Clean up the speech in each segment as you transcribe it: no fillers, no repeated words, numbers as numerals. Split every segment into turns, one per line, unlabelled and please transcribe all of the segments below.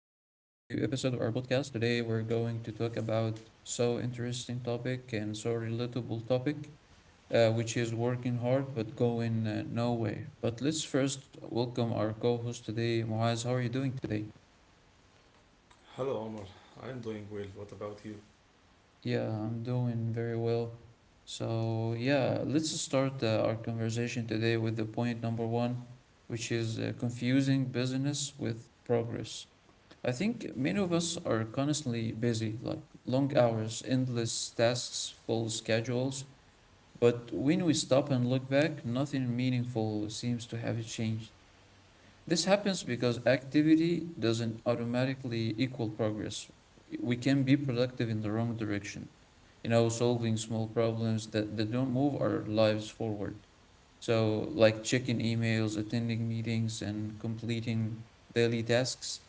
episode of our podcast. Today, we're going to talk about so interesting topic and so relatable topic, which is working hard but going nowhere. But let's first welcome our co-host today, Muaz. How are you doing today?
Hello, Omar. I'm doing well. What about you?
Yeah, I'm doing very well. So, yeah, let's start our conversation today with the point number one, which is confusing business with progress. I think many of us are constantly busy, like long hours, endless tasks, full schedules. But when we stop and look back, nothing meaningful seems to have changed. This happens because activity doesn't automatically equal progress. We can be productive in the wrong direction, you know, solving small problems that don't move our lives forward. So, like checking emails, attending meetings, and completing daily tasks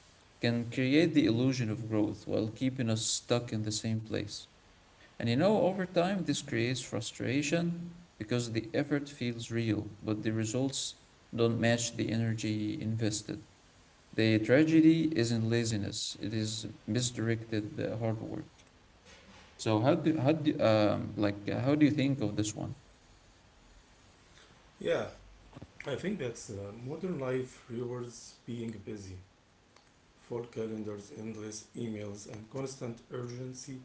can create the illusion of growth while keeping us stuck in the same place. And you know, over time, this creates frustration because the effort feels real, but the results don't match the energy invested. The tragedy isn't laziness, it is misdirected hard work. So how do you think of this one?
Yeah, I think that modern life rewards being busy. Full calendars, endless emails, and constant urgency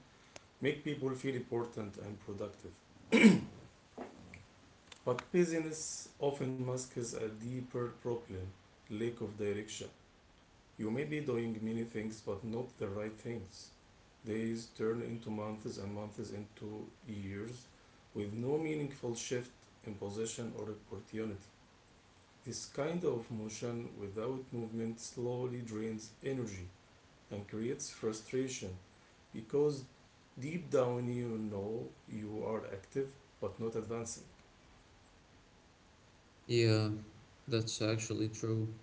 make people feel important and productive. But busyness often masks a deeper problem lack of direction. You may be doing many things, but not the right things. Days turn into months and months into years with no meaningful shift in position or opportunity. This kind of motion without movement slowly drains energy and creates frustration because deep down you know you are active but not advancing.
Yeah, that's actually true.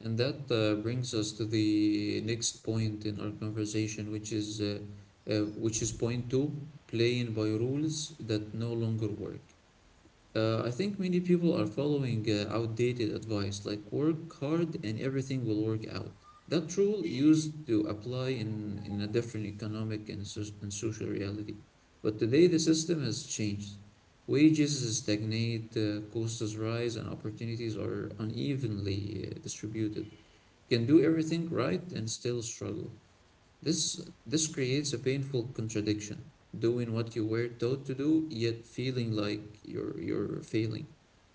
And that brings us to the next point in our conversation, which is point two, playing by rules that no longer work. I think many people are following outdated advice like work hard and everything will work out. That rule used to apply in a different economic and social reality. But today the system has changed. Wages stagnate, costs rise, and opportunities are unevenly distributed. Can do everything right and still struggle. This creates a painful contradiction, doing what you were taught to do, yet feeling like you're failing.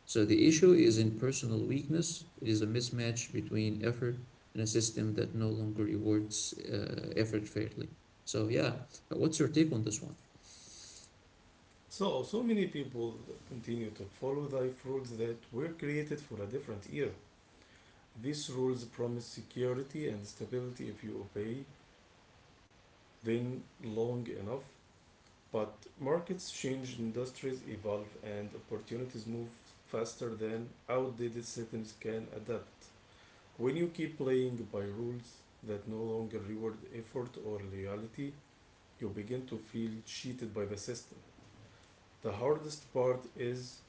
So the issue isn't personal weakness, it is a mismatch between effort and a system that no longer rewards effort fairly. So yeah, what's your take on this one?
So many people continue to follow life rules that were created for a different era. These rules promise security and stability if you obey them long enough. But markets change, industries evolve, and opportunities move faster than outdated systems can adapt. When you keep playing by rules that no longer reward effort or loyalty, you begin to feel cheated by the system. The hardest part is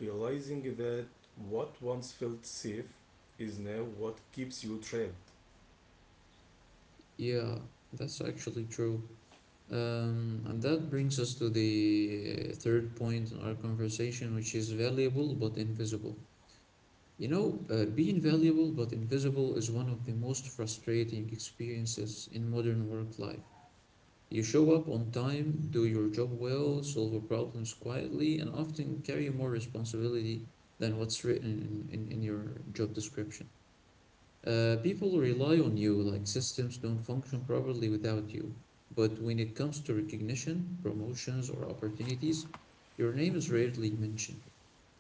realizing that what once felt safe is now what keeps you trapped.
Yeah, that's actually true. And that brings us to the third point in our conversation, which is valuable but invisible. You know, being valuable but invisible is one of the most frustrating experiences in modern work life. You show up on time, do your job well, solve problems quietly, and often carry more responsibility than what's written in your job description. People rely on you, like systems don't function properly without you. But when it comes to recognition, promotions, or opportunities, your name is rarely mentioned.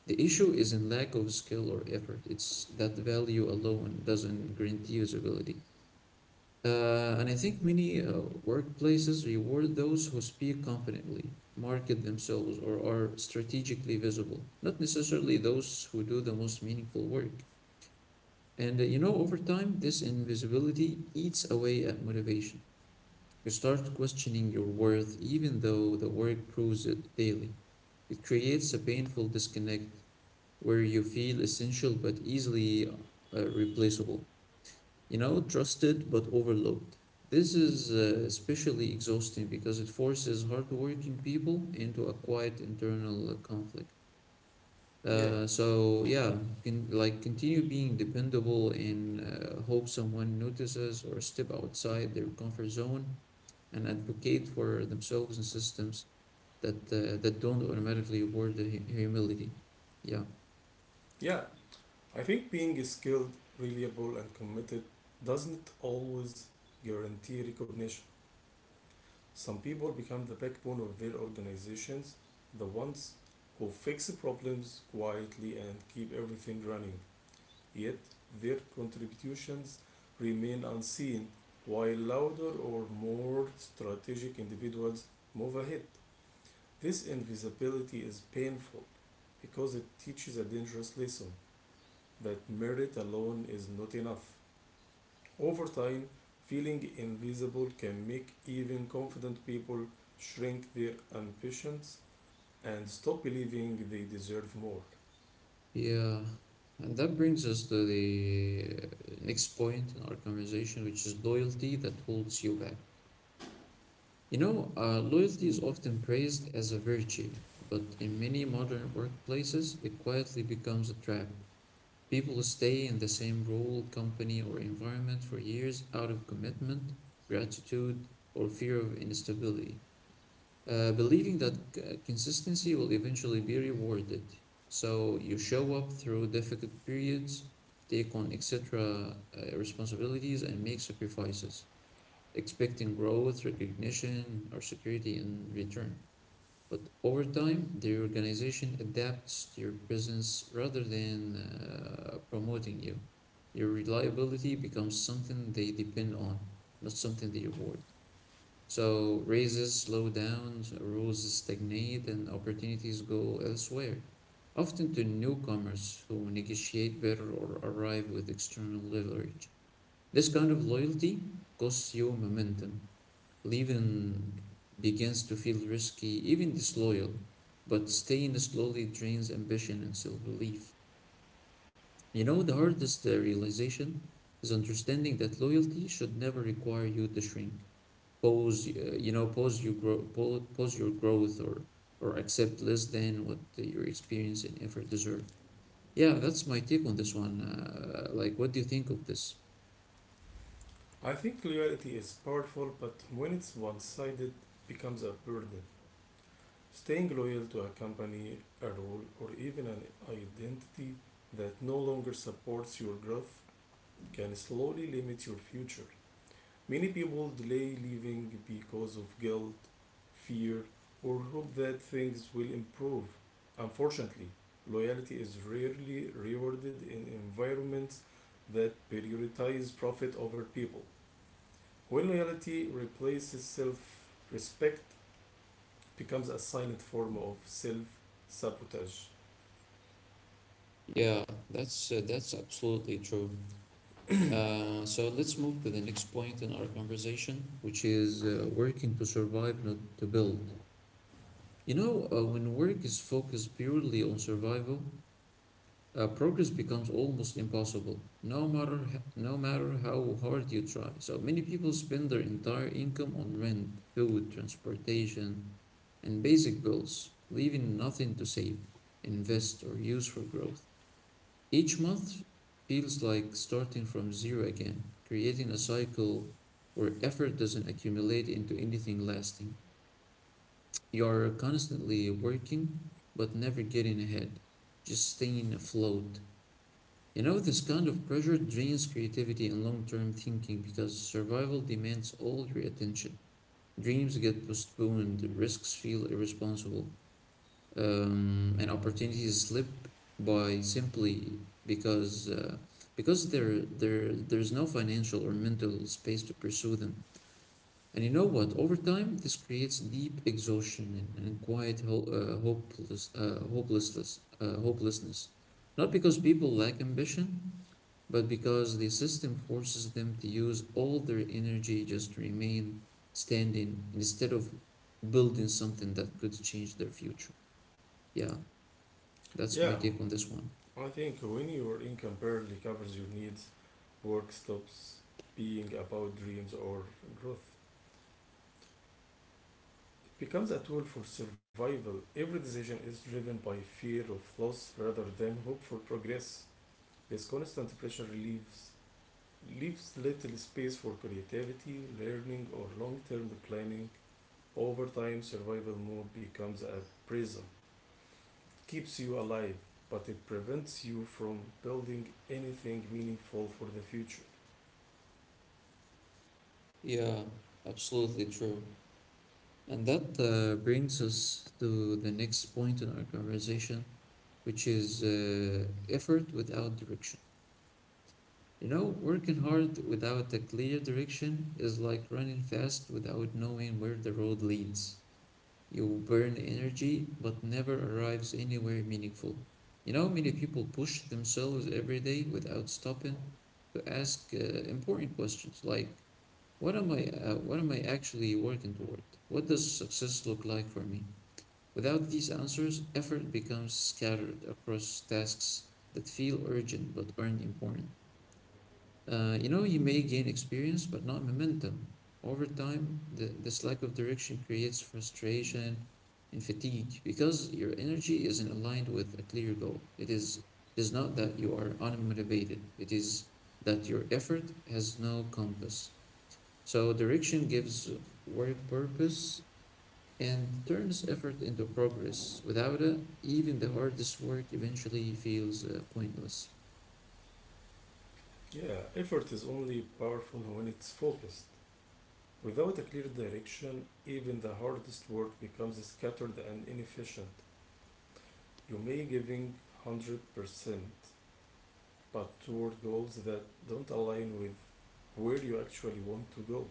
The issue isn't lack of skill or effort, it's that value alone doesn't guarantee usability. And I think many workplaces reward those who speak confidently, market themselves, or are strategically visible, not necessarily those who do the most meaningful work. And you know, over time, this invisibility eats away at motivation. You start questioning your worth even though the work proves it daily. It creates a painful disconnect where you feel essential but easily replaceable. You know, trusted but overlooked. This is especially exhausting because it forces hardworking people into a quiet internal conflict.
Yeah,
So yeah, can like continue being dependable and hope someone notices or step outside their comfort zone and advocate for themselves in systems that don't automatically reward the humility. Yeah.
yeah, I think being skilled, reliable, and committed doesn't always guarantee recognition. Some people become the backbone of their organizations, the ones who fix problems quietly and keep everything running. Yet their contributions remain unseen, while louder or more strategic individuals move ahead. This invisibility is painful because it teaches a dangerous lesson that merit alone is not enough. Over time, feeling invisible can make even confident people shrink their ambitions and stop believing they deserve more.
Yeah, and that brings us to the next point in our conversation, which is loyalty that holds you back. You know, loyalty is
Mm.
often praised as a virtue, but in many modern workplaces, it quietly becomes a trap. People stay in the same role, company, or environment for years out of commitment, gratitude, or fear of instability, believing that consistency will eventually be rewarded. So you show up through difficult periods, take on extra responsibilities, and make sacrifices, expecting growth, recognition, or security in return. But over time, the organization adapts to your presence rather than promoting you. Your reliability becomes something they depend on, not something they reward. So raises slow down, rules stagnate, and opportunities go elsewhere, often to newcomers who negotiate better or arrive with external leverage. This kind of loyalty costs you momentum. Leaving begins to feel risky, even disloyal, but staying slowly drains ambition and self belief. You know, the hardest realization is understanding that loyalty should never require you to shrink pause you know pause your grow pause, pause your growth or accept less than what your experience and effort deserve. Yeah, that's my take on this one. Like, what do you think of this?
I think loyalty is powerful, but when it's one sided, becomes a burden. Staying loyal to a company, a role, or even an identity that no longer supports your growth can slowly limit your future. Many people delay leaving because of guilt, fear, or hope that things will improve. Unfortunately, loyalty is rarely rewarded in environments that prioritize profit over people. When loyalty replaces self respect, becomes a silent form of self sabotage.
Yeah, that's absolutely true. So let's move to the next point in our conversation, which is working to survive, not to build. You know, when work is focused purely on survival, progress becomes almost impossible, no matter how hard you try. So many people spend their entire income on rent, food, transportation, and basic bills, leaving nothing to save, invest, or use for growth. Each month feels like starting from zero again, creating a cycle where effort doesn't accumulate into anything lasting. You're constantly working but never getting ahead, just staying afloat. You know, this kind of pressure drains creativity and long term thinking because survival demands all your attention. Dreams get postponed, risks feel irresponsible, and opportunities slip by simply because uh, because there's no financial or mental space to pursue them. And you know what? Over time, this creates deep exhaustion and, quiet hopelessness. Not because people lack ambition, but because the system forces them to use all their energy just to remain standing instead of building something that could change their future. Yeah, that's my
Yeah,
take on this one.
I think when your income barely covers your needs, work stops being about dreams or growth. Becomes a tool for survival. Every decision is driven by fear of loss rather than hope for progress. This constant pressure relieves, leaves little space for creativity, learning, or long term planning. Over time, survival mode becomes a prison. It keeps you alive, but it prevents you from building anything meaningful for the future.
Yeah, absolutely true. And that brings us to the next point in our conversation, which is effort without direction. You know, working hard without a clear direction is like running fast without knowing where the road leads. You burn energy but never arrives anywhere meaningful. You know, many people push themselves every day without stopping to ask important questions like, what am I actually working toward? What does success look like for me? Without these answers, effort becomes scattered across tasks that feel urgent but aren't important. You know, you may gain experience but not momentum. Over time, this lack of direction creates frustration and fatigue because your energy isn't aligned with a clear goal. It is not that you are unmotivated, it is that your effort has no compass. So, direction gives work purpose and turns effort into progress. Without it, even the hardest work eventually feels pointless.
Yeah, effort is only powerful when it's focused. Without a clear direction, even the hardest work becomes scattered and inefficient. You may giving 100%, but toward goals that don't align with where you actually want to go.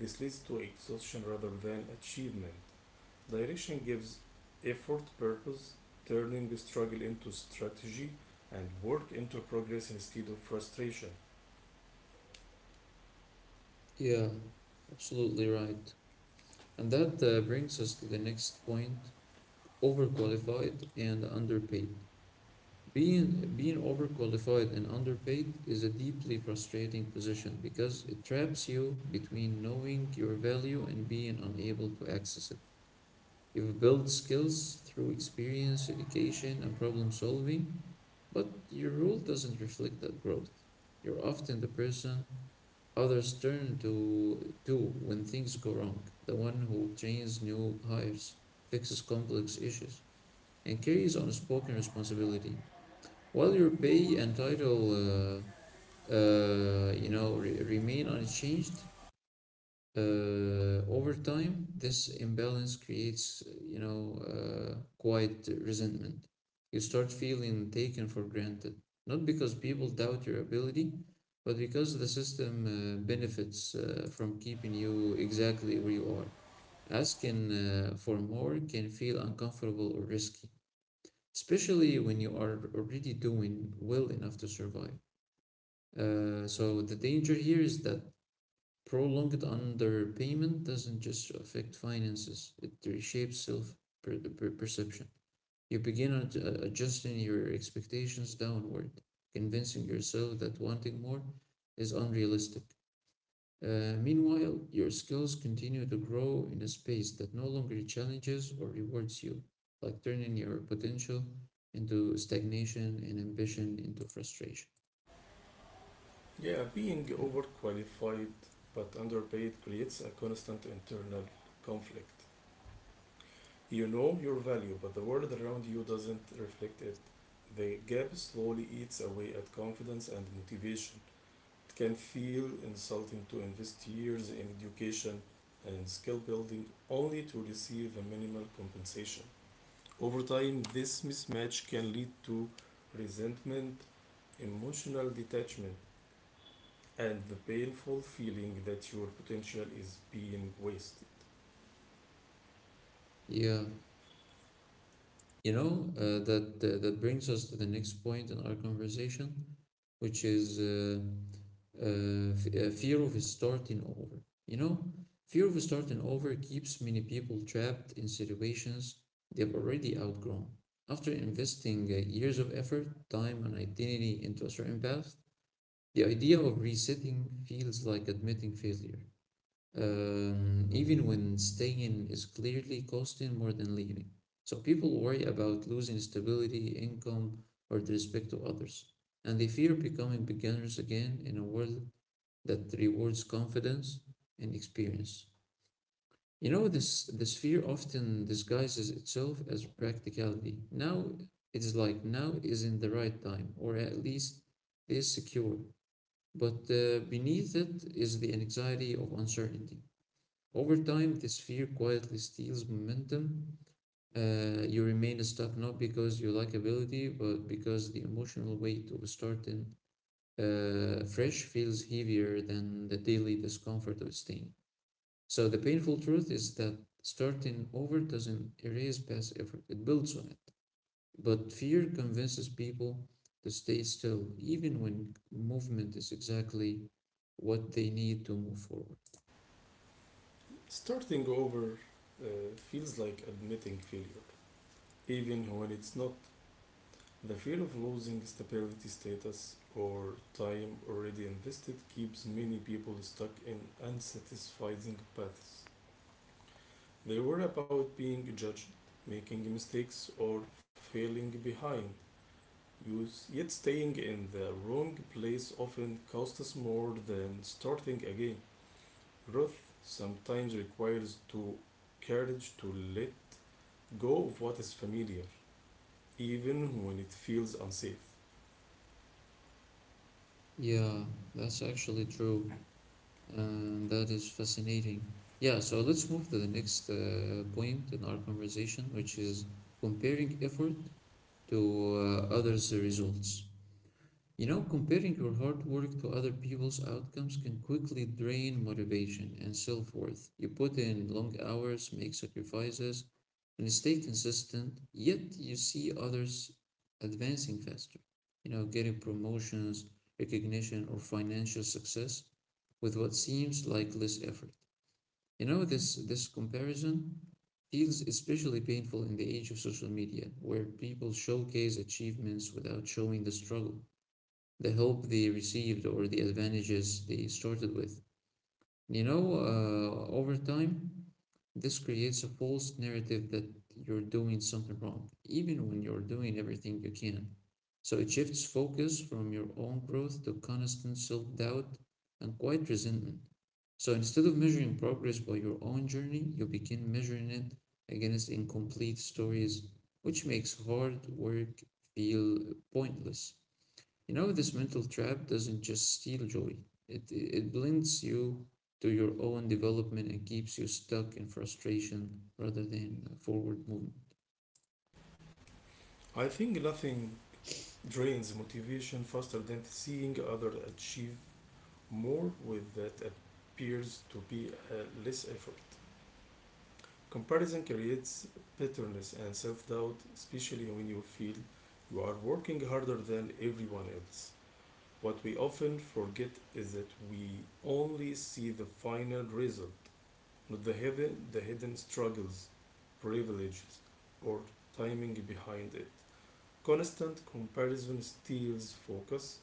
This leads to exhaustion rather than achievement. Direction gives effort purpose, turning struggle into strategy and work into progress instead of frustration.
Yeah, absolutely right. And that brings us to the next point: overqualified and underpaid. Being overqualified and underpaid is a deeply frustrating position because it traps you between knowing your value and being unable to access it. You will build skills through experience, education, and problem solving, but your role doesn't reflect that growth. You're often the person others turn to when things go wrong, the one who trains new hires, fixes complex issues, and carries unspoken responsibility. While your pay and title, you know, remain unchanged, over time, this imbalance creates, you know, quite resentment. You start feeling taken for granted, not because people doubt your ability, but because the system benefits from keeping you exactly where you are. Asking for more can feel uncomfortable or risky, especially when you are already doing well enough to survive. So the danger here is that prolonged underpayment doesn't just affect finances, it reshapes self perception. You begin adjusting your expectations downward, convincing yourself that wanting more is unrealistic. Meanwhile, your skills continue to grow in a space that no longer challenges or rewards you, like turning your potential into stagnation and ambition into frustration.
Yeah, being
Yeah.
overqualified but underpaid creates a constant internal conflict. You know your value, but the world around you doesn't reflect it. The gap slowly eats away at confidence and motivation. It can feel insulting to invest years in education and skill building only to receive a minimal compensation. Over time, this mismatch can lead to resentment, emotional detachment, and the painful feeling that your potential is being wasted.
Yeah. You know, that that brings us to the next point in our conversation, which is fear of starting over. You know, fear of starting over keeps many people trapped in situations they've already outgrown. After investing years of effort, time, and identity into a certain path, the idea of resetting feels like admitting failure, even when staying is clearly costing more than leaving. So people worry about losing stability, income, or the respect to others, and they fear becoming beginners again in a world that rewards confidence and experience. You know, this fear often disguises itself as practicality. Now it is like now isn't the right time, or at least is secure. But beneath it is the anxiety of uncertainty. Over time, this fear quietly steals momentum. You remain stuck not because you lack ability, but because the emotional weight of starting fresh feels heavier than the daily discomfort of staying. So, the painful truth is that starting over doesn't erase past effort, it builds on it. But fear convinces people to stay still, even when movement is exactly what they need to move forward.
Starting over uh, feels like admitting failure, even when it's not. The fear of losing stability, status, or time already invested keeps many people stuck in unsatisfying paths. They worry about being judged, making mistakes, or failing behind. Yet staying in the wrong place often costs us more than starting again. Growth sometimes requires to courage to let go of what is familiar, even when it feels unsafe.
Yeah, that's actually true. And that is fascinating. Yeah, so let's move to the next point in our conversation, which is comparing effort to others' results. You know, comparing your hard work to other people's outcomes can quickly drain motivation and self worth. You put in long hours, make sacrifices, and stay consistent, yet you see others advancing faster, you know, getting promotions, recognition, or financial success with what seems like less effort. This comparison feels especially painful in the age of social media, where people showcase achievements without showing the struggle, the help they received, or the advantages they started with. You know, Over time, this creates a false narrative that you're doing something wrong, even when you're doing everything you can. So it shifts focus from your own growth to constant self doubt and quiet resentment. So instead of measuring progress by your own journey, you begin measuring it against incomplete stories, which makes hard work feel pointless. You know, this mental trap doesn't just steal joy, it blinds you to your own development and keeps you stuck in frustration rather than forward movement.
I think nothing drains motivation faster than seeing others achieve more with that appears to be less effort. Comparison creates bitterness and self doubt, especially when you feel you are working harder than everyone else. What we often forget is that we only see the final result, not the hidden struggles, privileges, or timing behind it. Constant comparison steals focus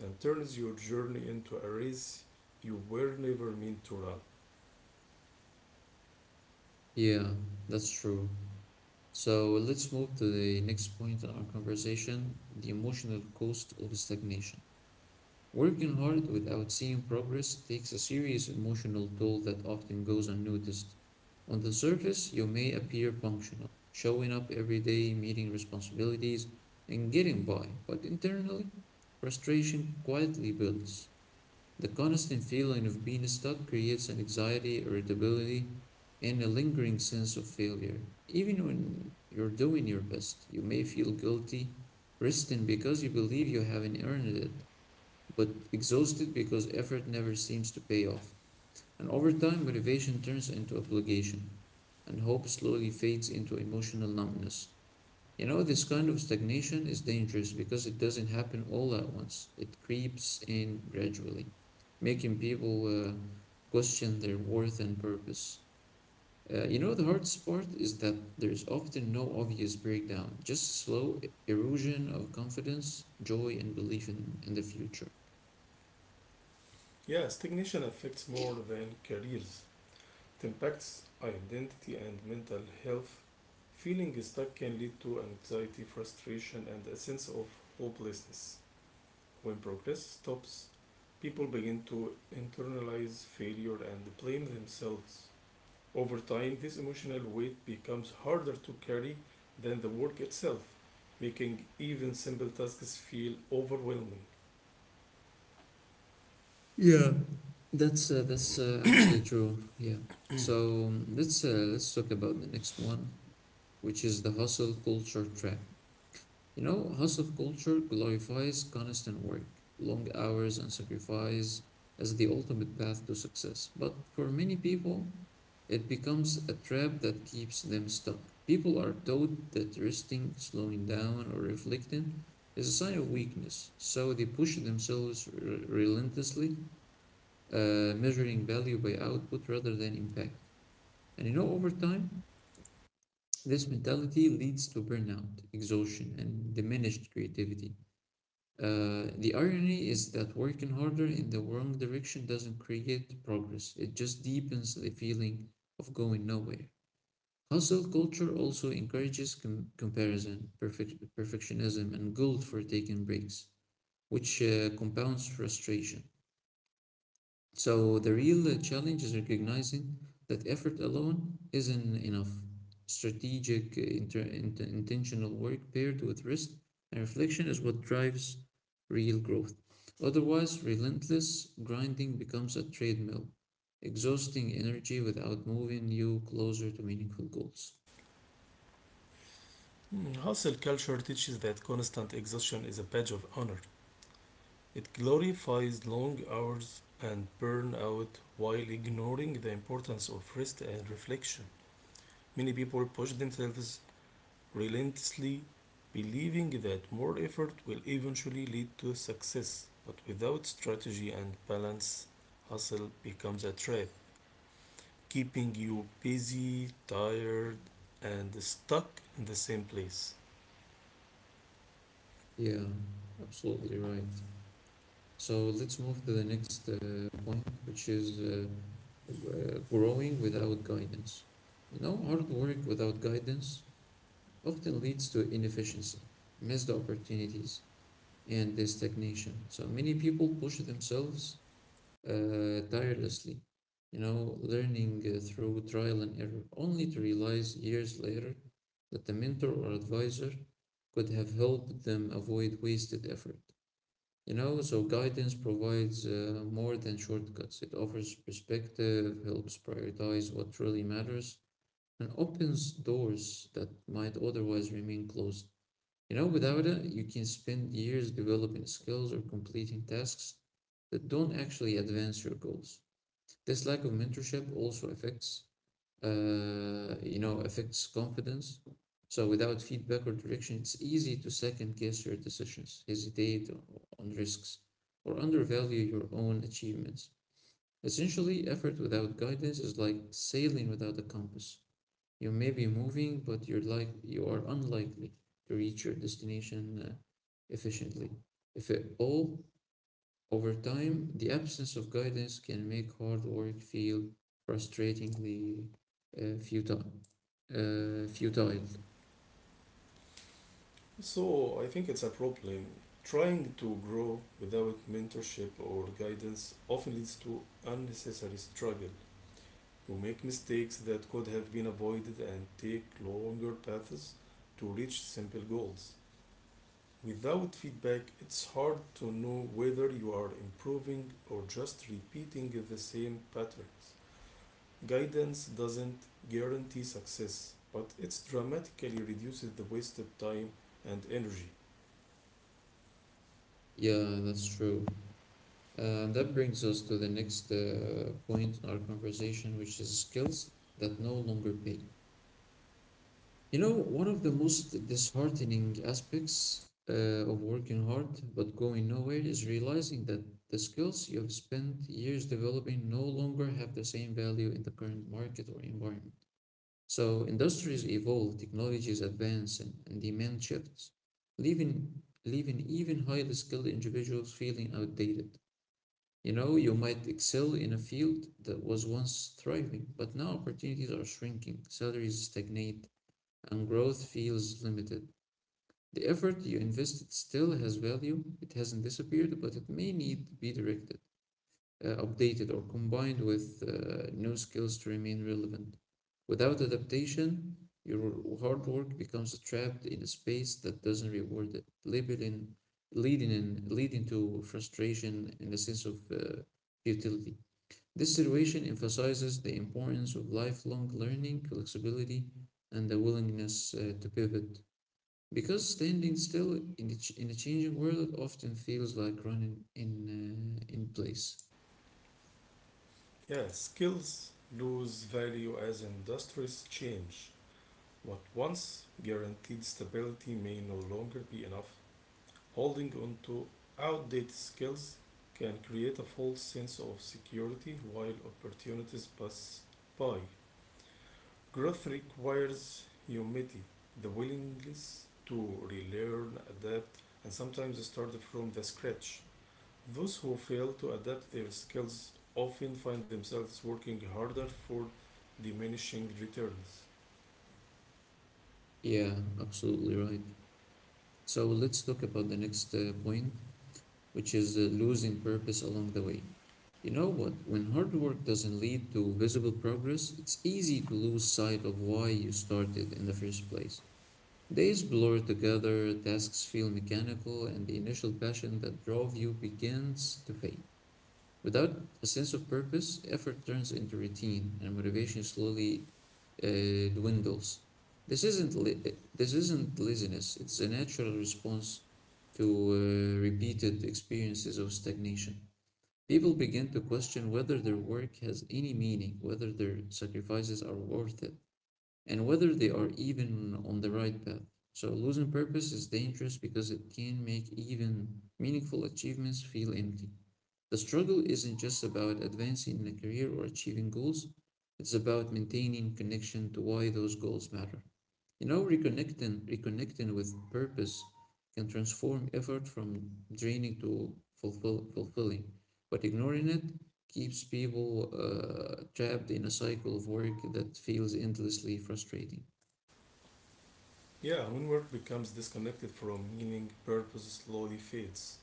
and turns your journey into a race you were never meant to run.
Yeah, that's true. So let's move to the next point in our conversation, the emotional cost of stagnation. Working hard without seeing progress takes a serious emotional toll that often goes unnoticed. On the surface, you may appear functional, showing up every day, meeting responsibilities, and getting by, but internally, frustration quietly builds. The constant feeling of being stuck creates an anxiety, irritability, and a lingering sense of failure. Even when you're doing your best, you may feel guilty resting because you believe you haven't earned it, but exhausted because effort never seems to pay off. And over time, motivation turns into obligation, and hope slowly fades into emotional numbness. You know, this kind of stagnation is dangerous because it doesn't happen all at once, it creeps in gradually, making people question their worth and purpose. You know, the hardest part is that there's often no obvious breakdown, just slow erosion of confidence, joy, and belief in the future.
Yeah, stagnation affects more than careers. It impacts identity and mental health. Feeling stuck can lead to anxiety, frustration, and a sense of hopelessness. When progress stops, people begin to internalize failure and blame themselves. Over time, this emotional weight becomes harder to carry than the work itself, making even simple tasks feel overwhelming.
Yeah, that's actually true. Yeah. So let's talk about the next one, which is the hustle culture trap. You know, hustle culture glorifies constant work, long hours, and sacrifice as the ultimate path to success. But for many people, it becomes a trap that keeps them stuck. People are taught that resting, slowing down, or reflecting is a sign of weakness, so they push themselves relentlessly, measuring value by output rather than impact. And you know, over time, this mentality leads to burnout, exhaustion, and diminished creativity. The irony is that working harder in the wrong direction doesn't create progress, it just deepens the feeling of going nowhere. Hustle culture also encourages comparison, perfectionism, and guilt for taking breaks, which compounds frustration. So the real challenge is recognizing that effort alone isn't enough. Strategic, intentional work paired with rest and reflection is what drives real growth. Otherwise, relentless grinding becomes a treadmill, exhausting energy without moving you closer to meaningful goals.
Mm, hustle culture teaches that constant exhaustion is a badge of honor. It glorifies long hours and burnout while ignoring the importance of rest and reflection. Many people push themselves relentlessly, believing that more effort will eventually lead to success. But without strategy and balance, hustle becomes a trap, keeping you busy, tired, and stuck in the same place.
Yeah, absolutely right. So let's move to the next point, which is growing without guidance. You know, hard work without guidance often leads to inefficiency, missed opportunities, and stagnation. So many people push themselves tirelessly, you know, learning through trial and error, only to realize years later that the mentor or advisor could have helped them avoid wasted effort. You know, so guidance provides more than shortcuts. It offers perspective, helps prioritize what really matters, and opens doors that might otherwise remain closed. You know, without it, you can spend years developing skills or completing tasks that don't actually advance your goals. This lack of mentorship also affects confidence. So without feedback or direction, it's easy to second guess your decisions, hesitate on risks, or undervalue your own achievements. Essentially, effort without guidance is like sailing without a compass. You may be moving, but you are unlikely to reach your destination efficiently. If at all, over time, the absence of guidance can make hard work feel frustratingly futile. Uh, futile.
So I think it's a problem. Trying to grow without mentorship or guidance often leads to unnecessary struggle. You make mistakes that could have been avoided and take longer paths to reach simple goals. Without feedback, it's hard to know whether you are improving or just repeating the same patterns. Guidance doesn't guarantee success, but it dramatically reduces the wasted time and energy.
Yeah, that's true. And that brings us to the next point in our conversation, which is skills that no longer pay. You know, one of the most disheartening aspects of working hard but going nowhere is realizing that the skills you've spent years developing no longer have the same value in the current market or environment. So industries evolve, technologies advance, and demand shifts, leaving, leaving even highly skilled individuals feeling outdated. You know, you might excel in a field that was once thriving, but now opportunities are shrinking, salaries stagnate, and growth feels limited. The effort you invested still has value, it hasn't disappeared, but it may need to be directed updated or combined with new skills to remain relevant. Without adaptation, your hard work becomes trapped in a space that doesn't reward it, leading to frustration and a sense of futility. This situation emphasizes the importance of lifelong learning, flexibility, and the willingness to pivot. Because standing still in a changing world often feels like running in place.
Yeah, skills lose value as industries change. What once guaranteed stability may no longer be enough. Holding on to outdated skills can create a false sense of security while opportunities pass by. Growth requires humility, the willingness to relearn, adapt, and sometimes start from the scratch. Those who fail to adapt their skills often find themselves working harder for diminishing returns.
Yeah, absolutely right. So let's talk about the next point, which is losing purpose along the way. You know what? When hard work doesn't lead to visible progress, it's easy to lose sight of why you started in the first place. Days blur together, tasks feel mechanical, and the initial passion that drove you begins to fade. Without a sense of purpose, effort turns into routine and motivation slowly dwindles. This isn't li- this isn't laziness. It's a natural response to repeated experiences of stagnation. People begin to question whether their work has any meaning, whether their sacrifices are worth it, and whether they are even on the right path. So losing purpose is dangerous because it can make even meaningful achievements feel empty. The struggle isn't just about advancing in a career or achieving goals, it's about maintaining connection to why those goals matter. You know, reconnecting with purpose can transform effort from fulfilling, but ignoring it keeps people trapped in a cycle of work that feels endlessly frustrating.
Yeah, when work becomes disconnected from meaning, purpose slowly fades.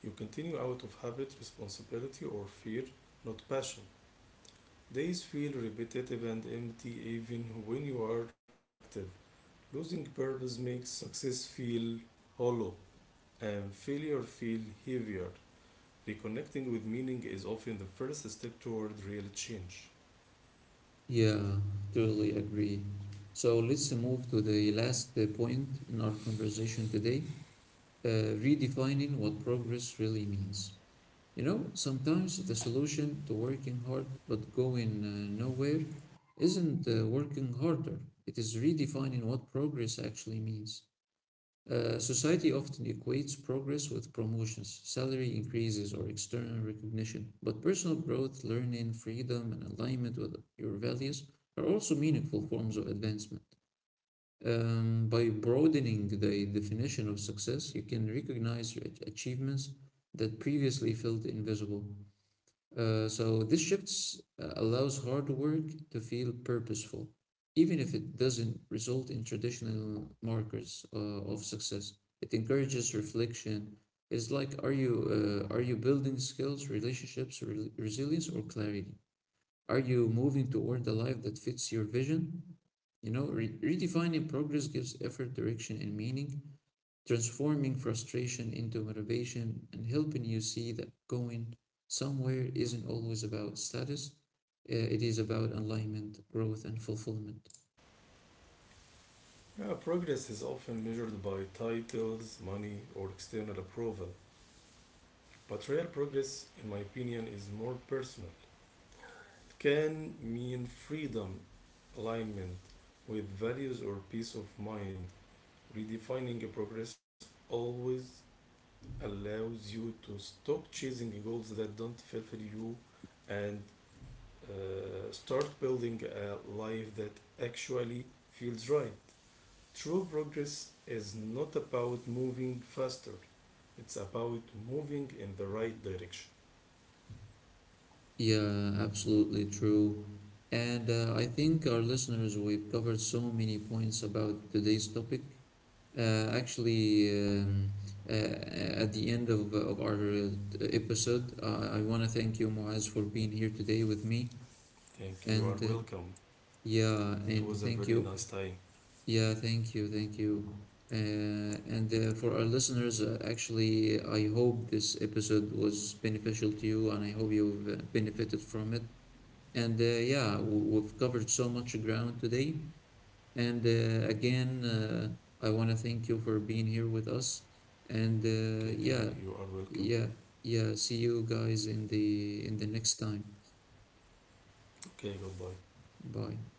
You continue out of habit, responsibility, or fear, not passion. Days feel repetitive and empty even when you are active. Losing purpose makes success feel hollow and failure feel heavier. Reconnecting with meaning is often the first step toward real change.
Yeah, totally agree. So let's move to the last point in our conversation today, uh, redefining what progress really means. You know, sometimes the solution to working hard but going nowhere isn't working harder, it is redefining what progress actually means. Society often equates progress with promotions, salary increases, or external recognition, but personal growth, learning, freedom, and alignment with your values are also meaningful forms of advancement. By broadening the definition of success, you can recognize your achievements that previously felt invisible. So this shifts allows hard work to feel purposeful, even if it doesn't result in traditional markers of success. It encourages reflection. It's like, are you building skills, relationships, resilience, or clarity? Are you moving toward a life that fits your vision? You know, redefining progress gives effort direction and meaning, transforming frustration into motivation and helping you see that going somewhere isn't always about status. It is about alignment, growth, and fulfillment.
Yeah, progress is often measured by titles, money, or external approval. But real progress, in my opinion, is more personal. It can mean freedom, alignment with values, or peace of mind. Redefining a progress always allows you to stop chasing goals that don't fulfill you and start building a life that actually feels right. True progress is not about moving faster, it's about moving in the right direction.
Yeah, absolutely true. And I think, our listeners, we've covered so many points about today's topic. Uh, actually, um, at the end of our episode, I want to thank you, Muaz, for being here today with me.
Thank you, you
And
are welcome.
yeah,
It
and
was a
thank you.
very nice time.
Yeah, thank you, thank you. And For our listeners, actually, I hope this episode was beneficial to you, and I hope you've benefited from it. And yeah, we've covered so much ground today. And I want to thank you for being here with us. And
Okay,
yeah,
thank you, you are welcome.
yeah, yeah. See you guys in the next time.
Okay, goodbye.
Bye.